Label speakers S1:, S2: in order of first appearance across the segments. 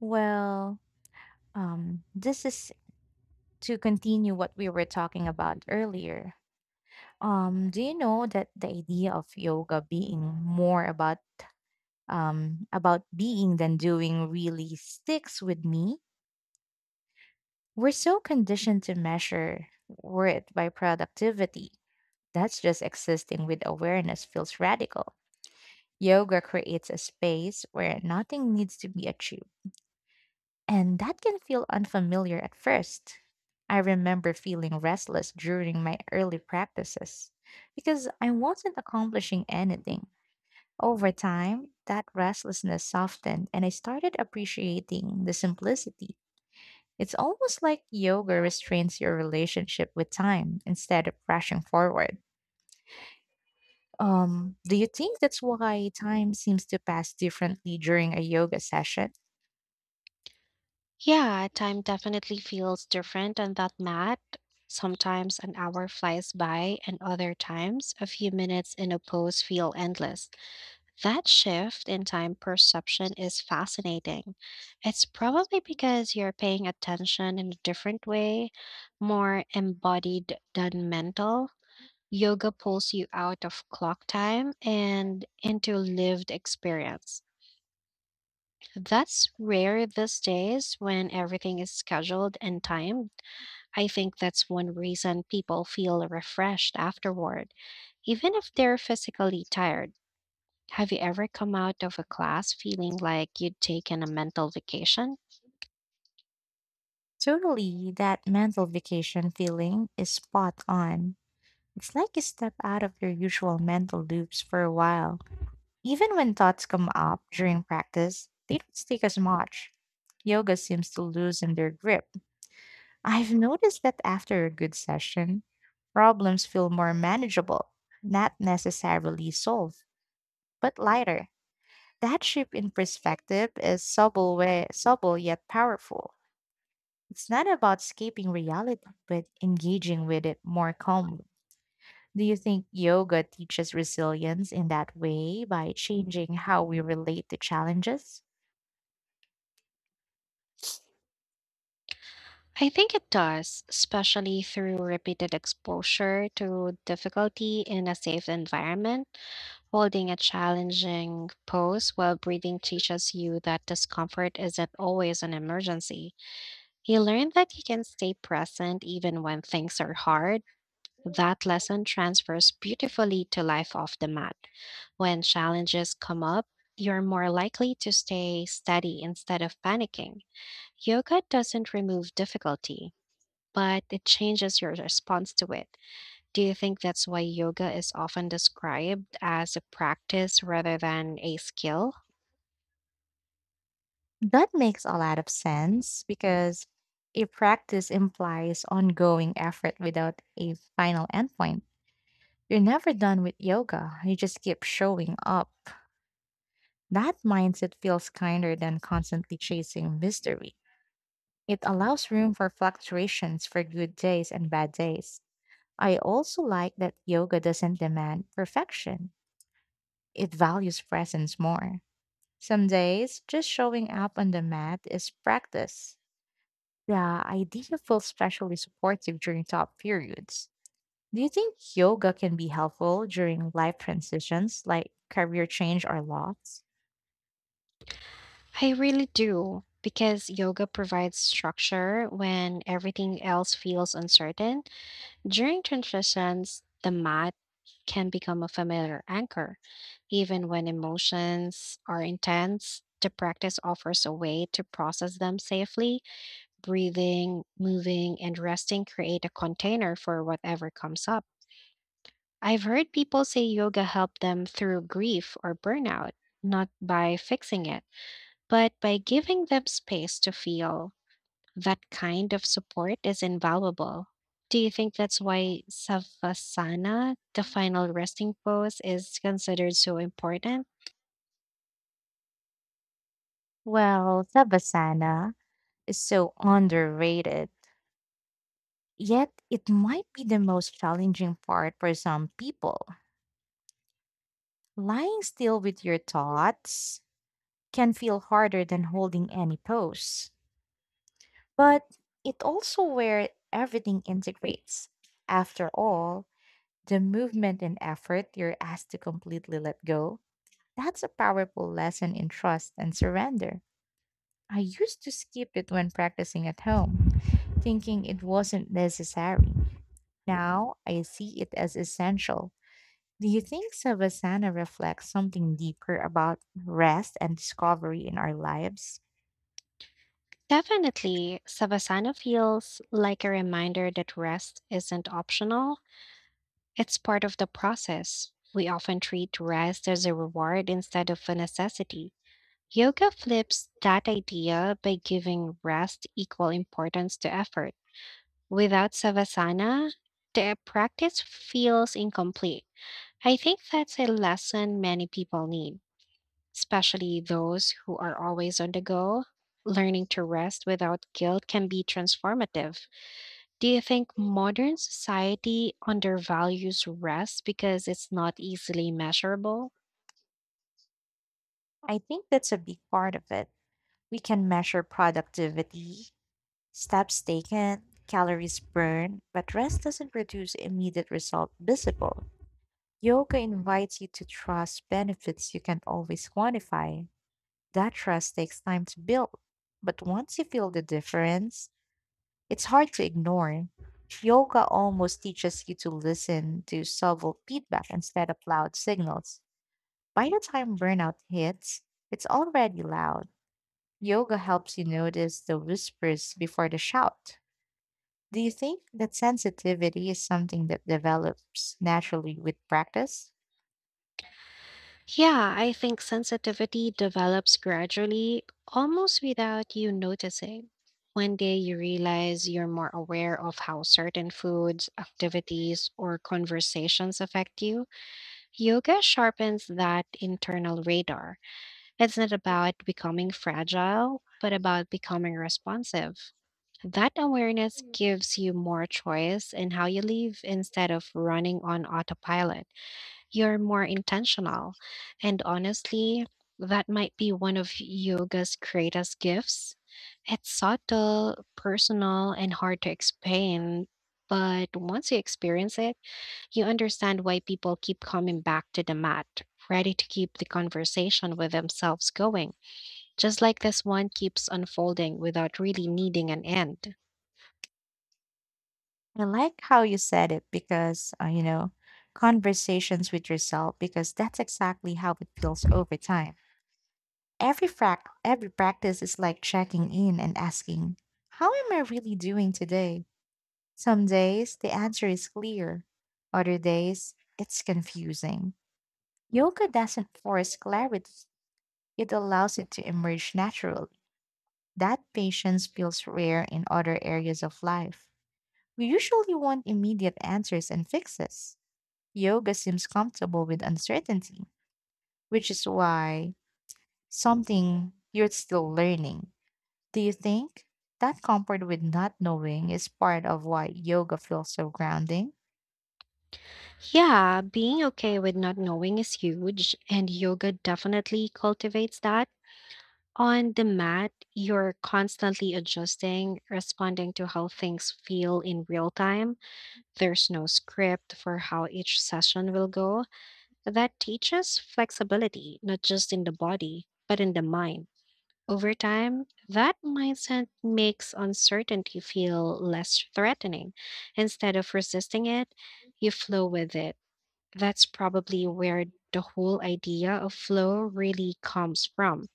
S1: Well, this is to continue what we were talking about earlier. Do you know that the idea of yoga being more about being than doing really sticks with me? We're so conditioned to measure worth by productivity. That's just existing with awareness feels radical. Yoga creates a space where nothing needs to be achieved, and that can feel unfamiliar at first. I remember feeling restless during my early practices because I wasn't accomplishing anything. Over time, that restlessness softened and I started appreciating the simplicity. It's almost like yoga restrains your relationship with time instead of rushing forward. Do you think that's why time seems to pass differently during a yoga session?
S2: Yeah, time definitely feels different on that mat. Sometimes an hour flies by, and other times a few minutes in a pose feel endless. That shift in time perception is fascinating. It's probably because you're paying attention in a different way, more embodied than mental. Yoga pulls you out of clock time and into lived experience. That's rare these days when everything is scheduled and timed. I think that's one reason people feel refreshed afterward, even if they're physically tired. Have you ever come out of a class feeling like you'd taken a mental vacation?
S1: Totally, that mental vacation feeling is spot on. It's like you step out of your usual mental loops for a while. Even when thoughts come up during practice, they don't stick as much. Yoga seems to loosen their grip. I've noticed that after a good session, problems feel more manageable, not necessarily solved, but lighter. That shift in perspective is subtle, subtle yet powerful. It's not about escaping reality, but engaging with it more calmly. Do you think yoga teaches resilience in that way by changing how we relate to challenges?
S2: I think it does, especially through repeated exposure to difficulty in a safe environment. Holding a challenging pose while breathing teaches you that discomfort isn't always an emergency. You learn that you can stay present even when things are hard. That lesson transfers beautifully to life off the mat. When challenges come up, you're more likely to stay steady instead of panicking. Yoga doesn't remove difficulty, but it changes your response to it. Do you think that's why yoga is often described as a practice rather than a skill?
S1: That makes a lot of sense because a practice implies ongoing effort without a final endpoint. You're never done with yoga, you just keep showing up. That mindset feels kinder than constantly chasing mystery. It allows room for fluctuations for good days and bad days. I also like that yoga doesn't demand perfection. It values presence more. Some days, just showing up on the mat is practice. The idea feels especially supportive during tough periods. Do you think yoga can be helpful during life transitions like career change or loss?
S2: I really do, because yoga provides structure when everything else feels uncertain. During transitions, the mat can become a familiar anchor. Even when emotions are intense, the practice offers a way to process them safely. Breathing, moving, and resting create a container for whatever comes up. I've heard people say yoga helped them through grief or burnout, not by fixing it, but by giving them space to feel. That kind of support is invaluable. Do you think that's why Savasana, the final resting pose, is considered so important?
S1: Well, Savasana is so underrated, yet it might be the most challenging part for some people. Lying still with your thoughts can feel harder than holding any pose. But it also where everything integrates. After all, the movement and effort you're asked to completely let go, that's a powerful lesson in trust and surrender. I used to skip it when practicing at home, thinking it wasn't necessary. Now I see it as essential. Do you think Savasana reflects something deeper about rest and discovery in our lives?
S2: Definitely, Savasana feels like a reminder that rest isn't optional, it's part of the process. We often treat rest as a reward instead of a necessity. Yoga flips that idea by giving rest equal importance to effort. Without Savasana, the practice feels incomplete. I think that's a lesson many people need, especially those who are always on the go. Learning to rest without guilt can be transformative. Do you think modern society undervalues rest because it's not easily measurable?
S1: I think that's a big part of it. We can measure productivity, steps taken, calories burned, but rest doesn't produce immediate result visible. Yoga invites you to trust benefits you can always quantify. That trust takes time to build, but once you feel the difference, it's hard to ignore. Yoga almost teaches you to listen to subtle feedback instead of loud signals. By the time burnout hits, it's already loud. Yoga helps you notice the whispers before the shout. Do you think that sensitivity is something that develops naturally with practice?
S2: Yeah, I think sensitivity develops gradually, almost without you noticing. One day you realize you're more aware of how certain foods, activities, or conversations affect you. Yoga sharpens that internal radar. It's not about becoming fragile, but about becoming responsive. That awareness gives you more choice in how you live. Instead of running on autopilot, you're more intentional. And honestly, that might be one of yoga's greatest gifts. It's subtle, personal, and hard to explain. But once you experience it, you understand why people keep coming back to the mat, ready to keep the conversation with themselves going, just like this one keeps unfolding without really needing an end.
S1: I like how you said it because, conversations with yourself, because that's exactly how it feels over time. Every practice is like checking in and asking, how am I really doing today? Some days the answer is clear, other days it's confusing. Yoga doesn't force clarity. It allows it to emerge naturally. That patience feels rare in other areas of life. We usually want immediate answers and fixes. Yoga seems comfortable with uncertainty, which is why something you're still learning. Do you think that comfort with not knowing is part of why yoga feels so grounding?
S2: Yeah, being okay with not knowing is huge, and yoga definitely cultivates that. On the mat, you're constantly adjusting, responding to how things feel in real time. There's no script for how each session will go. That teaches flexibility, not just in the body, but in the mind. Over time, that mindset makes uncertainty feel less threatening. Instead of resisting it, you flow with it. That's probably where the whole idea of flow really comes from.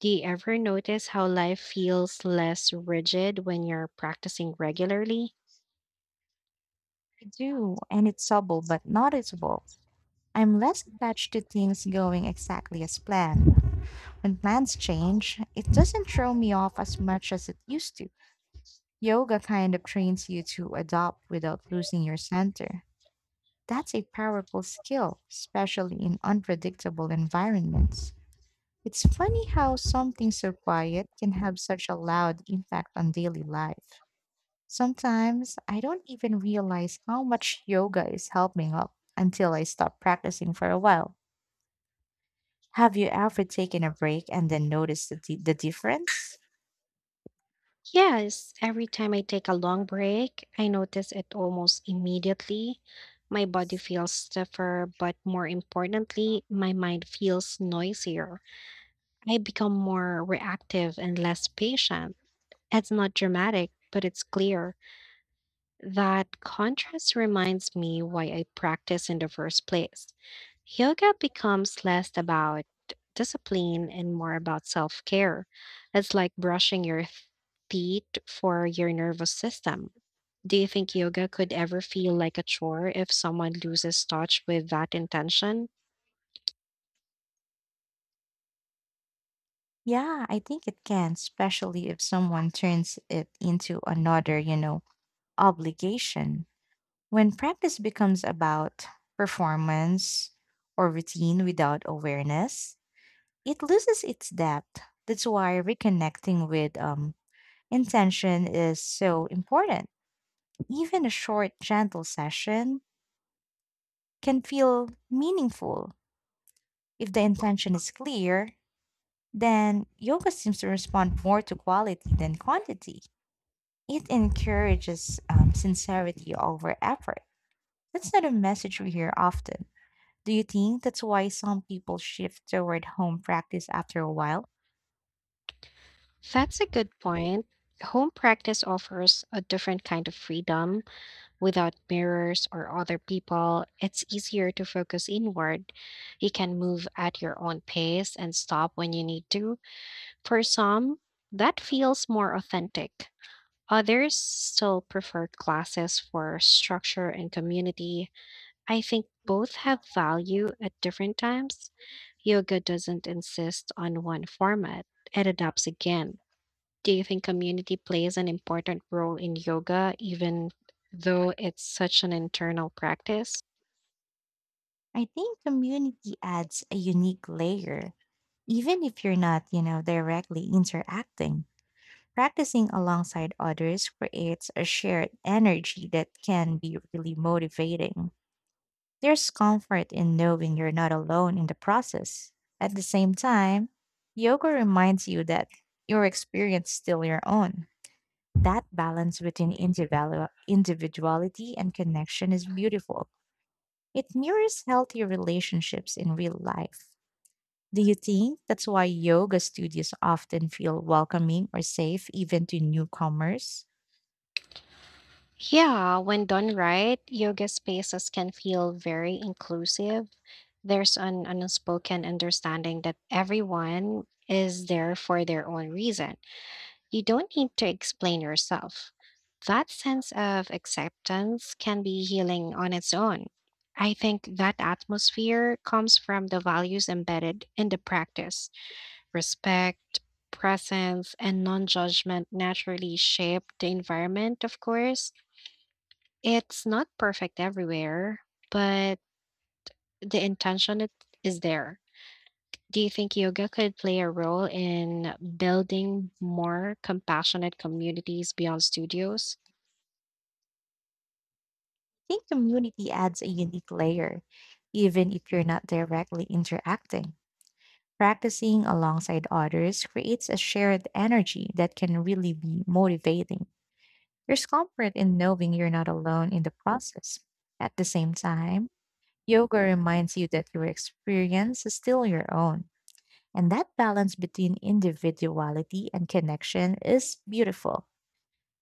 S2: Do you ever notice how life feels less rigid when you're practicing regularly?
S1: I do, and it's subtle but noticeable. I'm less attached to things going exactly as planned. When plans change, it doesn't throw me off as much as it used to. Yoga kind of trains you to adapt without losing your center. That's a powerful skill, especially in unpredictable environments. It's funny how something so quiet can have such a loud impact on daily life. Sometimes I don't even realize how much yoga is helping up until I stop practicing for a while. Have you ever taken a break and then noticed the difference?
S2: Yes, every time I take a long break, I notice it almost immediately. My body feels stiffer, but more importantly, my mind feels noisier. I become more reactive and less patient. It's not dramatic, but it's clear. That contrast reminds me why I practice in the first place. Yoga becomes less about discipline and more about self care. It's like brushing your teeth for your nervous system. Do you think yoga could ever feel like a chore if someone loses touch with that intention?
S1: Yeah, I think it can, especially if someone turns it into another, obligation. When practice becomes about performance or routine without awareness, it loses its depth. That's why reconnecting with intention is so important. Even a short, gentle session can feel meaningful. If the intention is clear, then yoga seems to respond more to quality than quantity. It encourages sincerity over effort. That's not a message we hear often. Do you think that's why some people shift toward home practice after a while?
S2: That's a good point. Home practice offers a different kind of freedom. Without mirrors or other people, it's easier to focus inward. You can move at your own pace and stop when you need to. For some, that feels more authentic. Others still prefer classes for structure and community. I think both have value at different times. Yoga doesn't insist on one format, it adapts again. Do you think community plays an important role in yoga, even though it's such an internal practice?
S1: I think community adds a unique layer, even if you're not, directly interacting. Practicing alongside others creates a shared energy that can be really motivating. There's comfort in knowing you're not alone in the process. At the same time, yoga reminds you that your experience is still your own. That balance between individuality and connection is beautiful. It mirrors healthy relationships in real life. Do you think that's why yoga studios often feel welcoming or safe even to newcomers?
S2: Yeah, when done right, yoga spaces can feel very inclusive. There's an unspoken understanding that everyone is there for their own reason. You don't need to explain yourself. That sense of acceptance can be healing on its own. I think that atmosphere comes from the values embedded in the practice. Respect, presence, and non judgment naturally shape the environment, of course. It's not perfect everywhere, but the intention it is there. Do you think yoga could play a role in building more compassionate communities beyond studios?
S1: I think community adds a unique layer, even if you're not directly interacting. Practicing alongside others creates a shared energy that can really be motivating. There's comfort in knowing you're not alone in the process. At the same time, yoga reminds you that your experience is still your own. And that balance between individuality and connection is beautiful.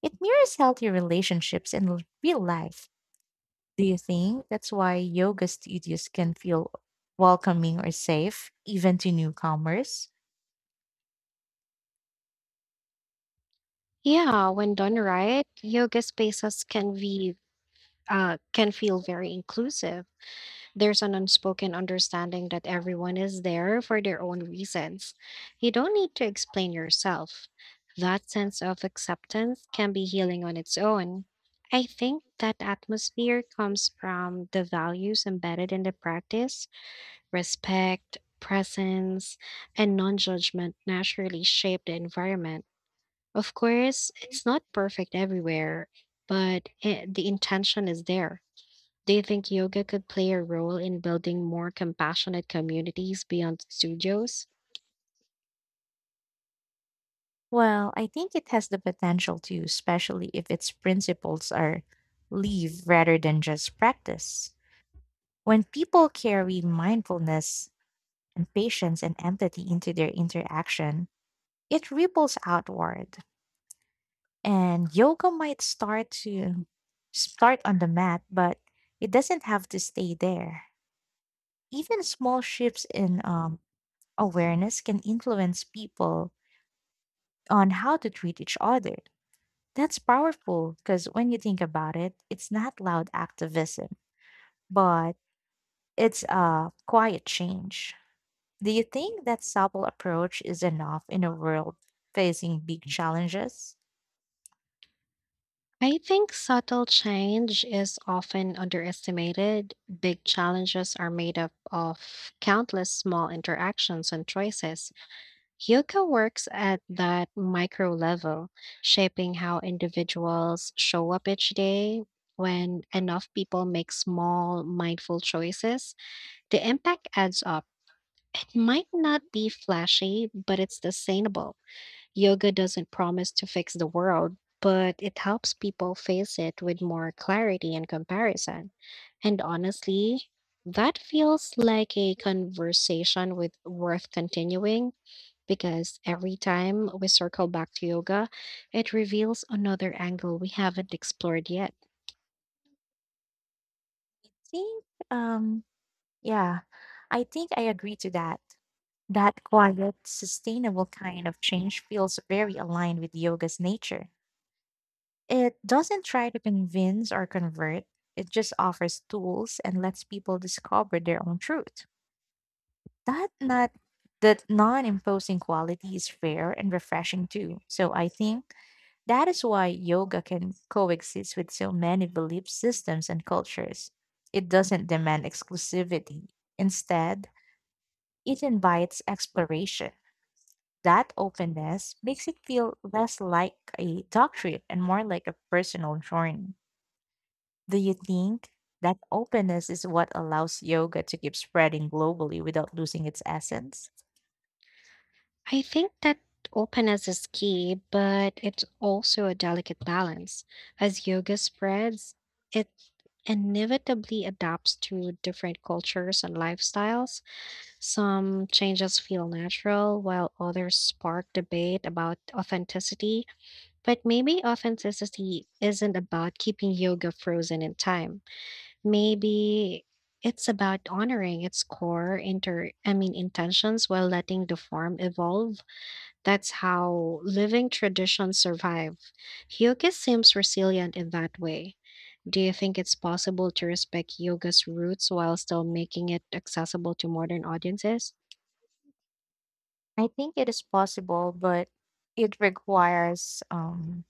S1: It mirrors healthy relationships in real life. Do you think that's why yoga studios can feel welcoming or safe, even to newcomers?
S2: Yeah, when done right, yoga spaces can feel very inclusive. There's an unspoken understanding that everyone is there for their own reasons. You don't need to explain yourself. That sense of acceptance can be healing on its own. I think that atmosphere comes from the values embedded in the practice. Respect, presence, and non judgment naturally shape the environment. Of course, it's not perfect everywhere, but the intention is there. Do you think yoga could play a role in building more compassionate communities beyond studios?
S1: Well, I think it has the potential to, especially if its principles are live rather than just practice. When people carry mindfulness and patience and empathy into their interaction, it ripples outward. And yoga might start on the mat, but it doesn't have to stay there. Even small shifts in awareness can influence people on how to treat each other. That's powerful because when you think about it, it's not loud activism, but it's a quiet change. Do you think that subtle approach is enough in a world facing big challenges?
S2: I think subtle change is often underestimated. Big challenges are made up of countless small interactions and choices. Yoga works at that micro level, shaping how individuals show up each day. When enough people make small, mindful choices, the impact adds up. It might not be flashy, but it's sustainable. Yoga doesn't promise to fix the world, but it helps people face it with more clarity and comparison. And honestly, that feels like a conversation with worth continuing because every time we circle back to yoga, it reveals another angle we haven't explored yet.
S1: Think, um, yeah, I think I agree to that. That quiet, sustainable kind of change feels very aligned with yoga's nature. It doesn't try to convince or convert, it just offers tools and lets people discover their own truth. That not that non-imposing quality is fair and refreshing too. So I think that is why yoga can coexist with so many belief systems and cultures. It doesn't demand exclusivity. Instead, it invites exploration. That openness makes it feel less like a doctrine and more like a personal journey. Do you think that openness is what allows yoga to keep spreading globally without losing its essence?
S2: I think that openness is key, but it's also a delicate balance. As yoga spreads, it inevitably adapts to different cultures and lifestyles. Some changes feel natural, while others spark debate about authenticity. But maybe authenticity isn't about keeping yoga frozen in time. Maybe it's about honoring its core inter I mean intentions while letting the form evolve. That's how living traditions survive. Yoga seems resilient in that way. Do you think it's possible to respect yoga's roots while still making it accessible to modern audiences?
S1: I think it is possible, but it requires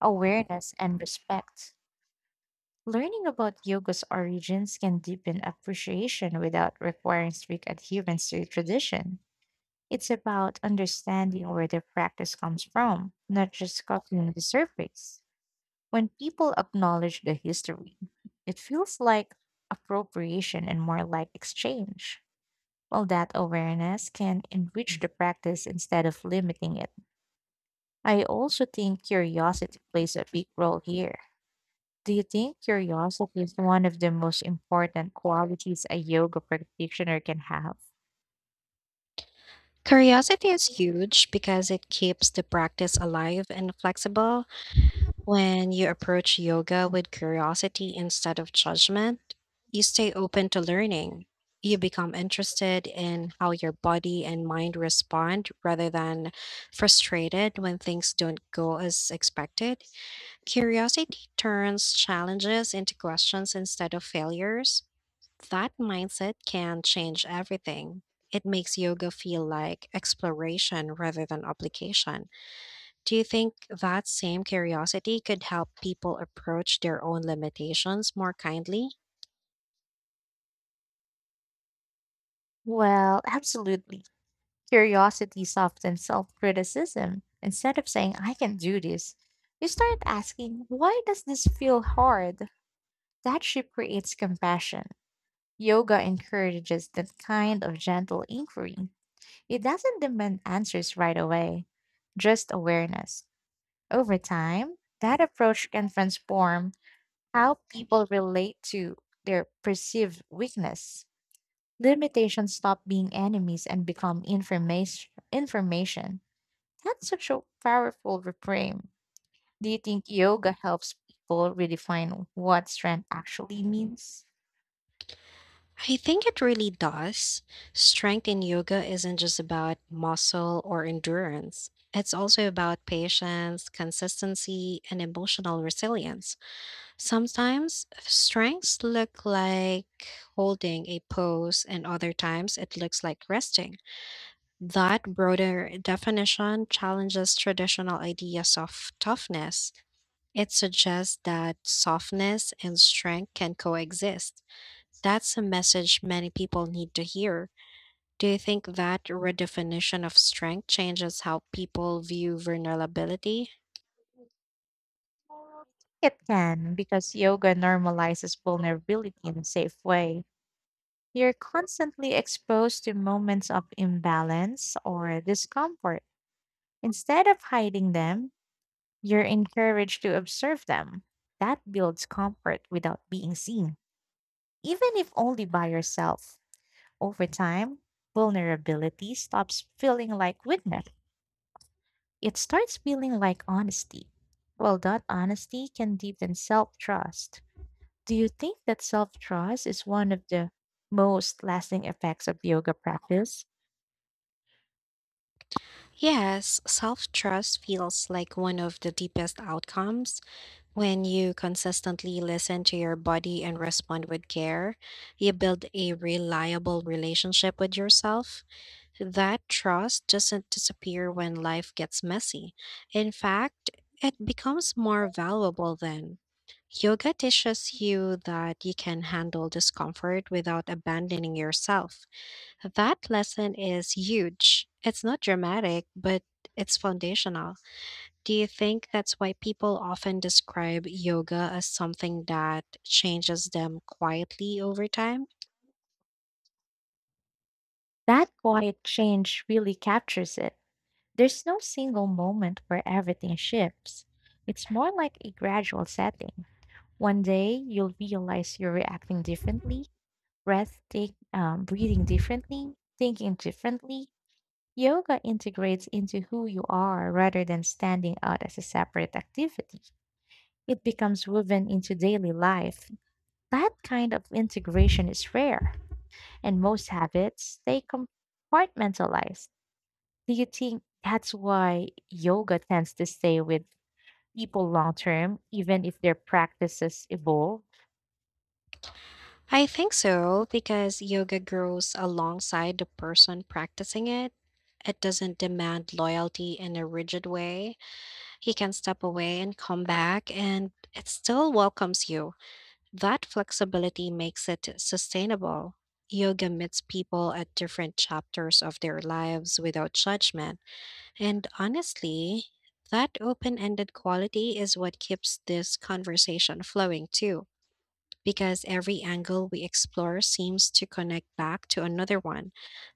S1: awareness and respect. Learning about yoga's origins can deepen appreciation without requiring strict adherence to a tradition. It's about understanding where the practice comes from, not just copying the surface. When people acknowledge the history, it feels like appropriation and more like exchange. Well, that awareness can enrich the practice instead of limiting it. I also think curiosity plays a big role here. Do you think curiosity is one of the most important qualities a yoga practitioner can have?
S2: Curiosity is huge because it keeps the practice alive and flexible. When you approach yoga with curiosity instead of judgment, you stay open to learning. You become interested in how your body and mind respond rather than frustrated when things don't go as expected. Curiosity turns challenges into questions instead of failures. That mindset can change everything. It makes yoga feel like exploration rather than application. Do you think that same curiosity could help people approach their own limitations more kindly?
S1: Well, absolutely. Curiosity softens self criticism. Instead of saying, I can do this, you start asking, why does this feel hard? That shift creates compassion. Yoga encourages that kind of gentle inquiry. It doesn't demand answers right away, just awareness. Over time, that approach can transform how people relate to their perceived weakness. Limitations stop being enemies and become information. That's such a powerful reframe. Do you think yoga helps people redefine what strength actually means?
S2: I think it really does. Strength in yoga isn't just about muscle or endurance. It's also about patience, consistency, and emotional resilience. Sometimes strengths look like holding a pose, and other times it looks like resting. That broader definition challenges traditional ideas of toughness. It suggests that softness and strength can coexist. That's a message many people need to hear. Do you think that redefinition of strength changes how people view vulnerability?
S1: It can, because yoga normalizes vulnerability in a safe way. You're constantly exposed to moments of imbalance or discomfort. Instead of hiding them, you're encouraged to observe them. That builds comfort without being seen, even if only by yourself. Over time, vulnerability stops feeling like weakness. It starts feeling like honesty. Well, that honesty can deepen self trust. Do you think that self trust is one of the most lasting effects of yoga practice?
S2: Yes, self trust feels like one of the deepest outcomes. When you consistently listen to your body and respond with care, you build a reliable relationship with yourself. That trust doesn't disappear when life gets messy. In fact, it becomes more valuable then. Yoga teaches you that you can handle discomfort without abandoning yourself. That lesson is huge. It's not dramatic, but it's foundational. Do you think that's why people often describe yoga as something that changes them quietly over time?
S1: That quiet change really captures it. There's no single moment where everything shifts. It's more like a gradual setting. One day you'll realize you're reacting differently, breathing differently, thinking differently. Yoga integrates into who you are rather than standing out as a separate activity. It becomes woven into daily life. That kind of integration is rare, and most habits stay compartmentalized. Do you think that's why yoga tends to stay with people long term, even if their practices evolve?
S2: I think so because yoga grows alongside the person practicing it. It doesn't demand loyalty in a rigid way. He can step away and come back, and it still welcomes you. That flexibility makes it sustainable. Yoga meets people at different chapters of their lives without judgment. And honestly, that open ended quality is what keeps this conversation flowing too, because every angle we explore seems to connect back to another one,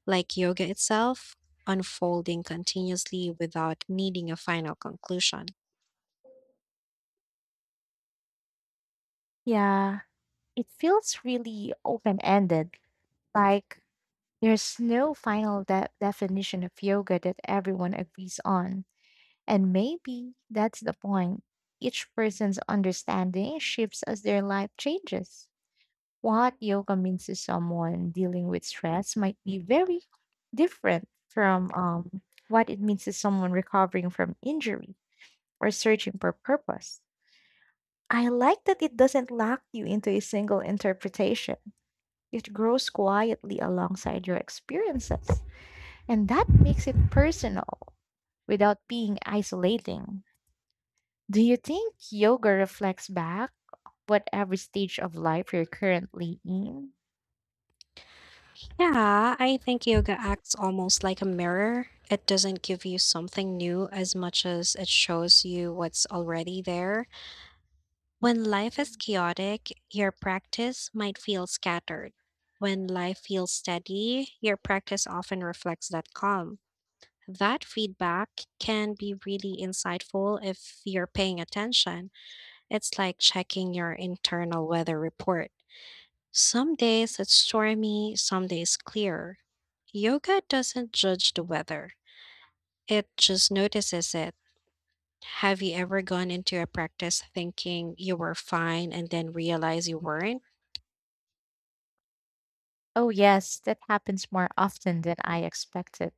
S2: like yoga itself, unfolding continuously without needing a final conclusion.
S1: Yeah, it feels really open ended, like there's no final definition of yoga that everyone agrees on. And maybe that's the point. Each person's understanding shifts as their life changes. What yoga means to someone dealing with stress might be very different from what it means to someone recovering from injury or searching for purpose. I like that it doesn't lock you into a single interpretation. It grows quietly alongside your experiences, and that makes it personal without being isolating. Do you think yoga reflects back whatever stage of life you're currently in?
S2: Yeah, I think yoga acts almost like a mirror. It doesn't give you something new as much as it shows you what's already there. When life is chaotic, your practice might feel scattered. When life feels steady, your practice often reflects that calm. That feedback can be really insightful if you're paying attention. It's like checking your internal weather report. Some days it's stormy, some days clear. Yoga doesn't judge the weather, it just notices it. Have you ever gone into a practice thinking you were fine and then realize you weren't?
S1: Oh, yes, that happens more often than I expected.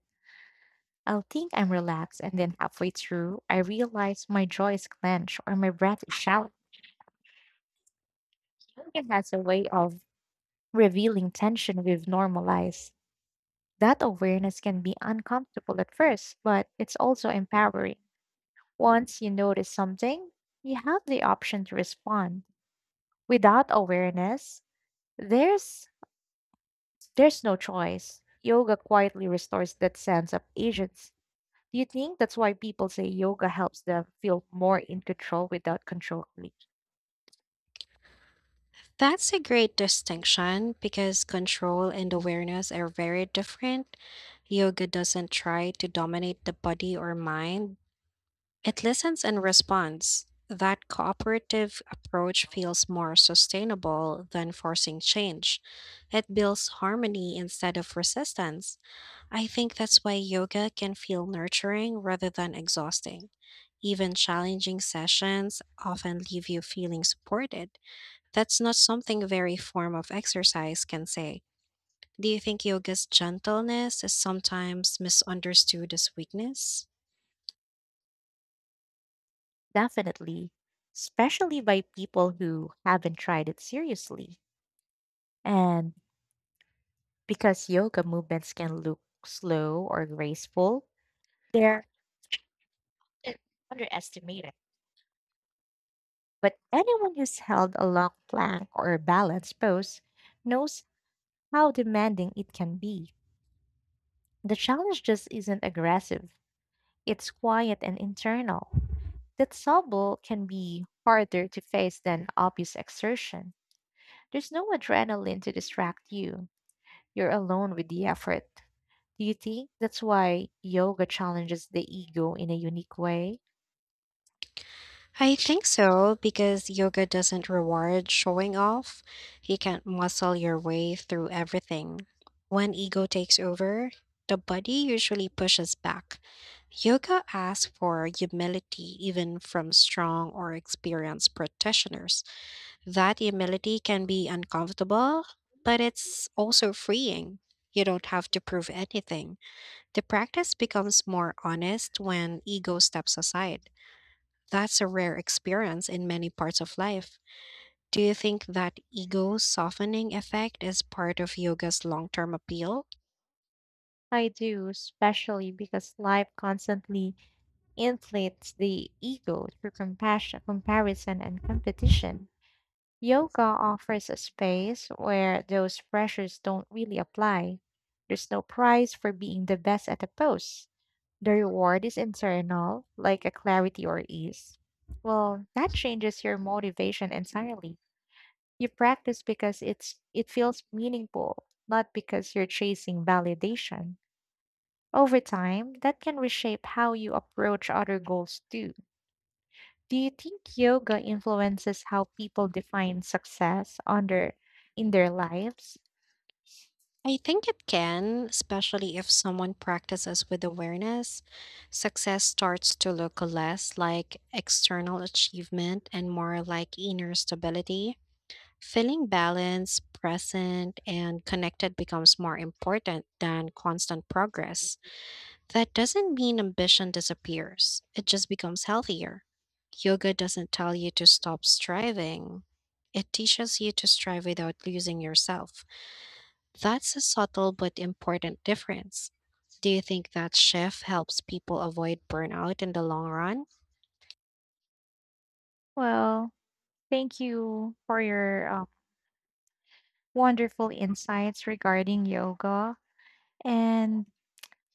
S1: I'll think I'm relaxed, and then halfway through, I realize my jaw is clenched or my breath is shallow. Yoga has a way of revealing tension we've normalized. That awareness can be uncomfortable at first, but it's also empowering. Once you notice something, you have the option to respond. Without awareness, there's there's no choice. Yoga quietly restores that sense of agency. Do you think that's why people say yoga helps them feel more in control without controlling?
S2: That's a great distinction because control and awareness are very different. Yoga doesn't try to dominate the body or mind, it listens and responds. That cooperative approach feels more sustainable than forcing change. It builds harmony instead of resistance. I think that's why yoga can feel nurturing rather than exhausting. Even challenging sessions often leave you feeling supported. That's not something very form of exercise can say. Do you think yoga's gentleness is sometimes misunderstood as weakness?
S1: Definitely, especially by people who haven't tried it seriously. And Because yoga movements can look slow or graceful, they're often underestimated. But anyone who's held a long plank or a balance pose knows how demanding it can be. The challenge just isn't aggressive, it's quiet and internal. That subtle can be harder to face than obvious exertion. There's no adrenaline to distract you, you're alone with the effort. Do you think that's why yoga challenges the ego in a unique way?
S2: I think so, because yoga doesn't reward showing off. You can't muscle your way through everything. When ego takes over, the body usually pushes back. Yoga asks for humility even from strong or experienced practitioners. That humility can be uncomfortable, but it's also freeing. You don't have to prove anything. The practice becomes more honest when ego steps aside. That's a rare experience in many parts of life. Do you think that ego softening effect is part of yoga's long term appeal?
S1: I do, especially because life constantly inflates the ego through compassion, comparison, and competition. Yoga offers a space where those pressures don't really apply. There's no prize for being the best at a pose. The reward is internal, like a clarity or ease. Well, that changes your motivation entirely. You practice because it's it feels meaningful, not because you're chasing validation. Over time, that can reshape how you approach other goals too. Do you think yoga influences how people define success on in their lives?
S2: I think it can, especially if someone practices with awareness. Success starts to look less like external achievement and more like inner stability. Feeling balanced, present, and connected becomes more important than constant progress. That doesn't mean ambition disappears, it just becomes healthier. Yoga doesn't tell you to stop striving, it teaches you to strive without losing yourself. That's a subtle but important difference. Do you think that shift helps people avoid burnout in the long run?
S1: Well, thank you for your wonderful insights regarding yoga. And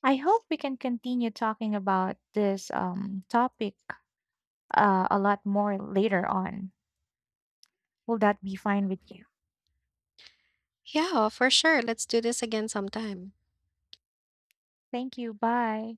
S1: I hope we can continue talking about this topic a lot more later on. Will that be fine with you?
S2: Yeah, for sure. Let's do this again sometime.
S1: Thank you. Bye.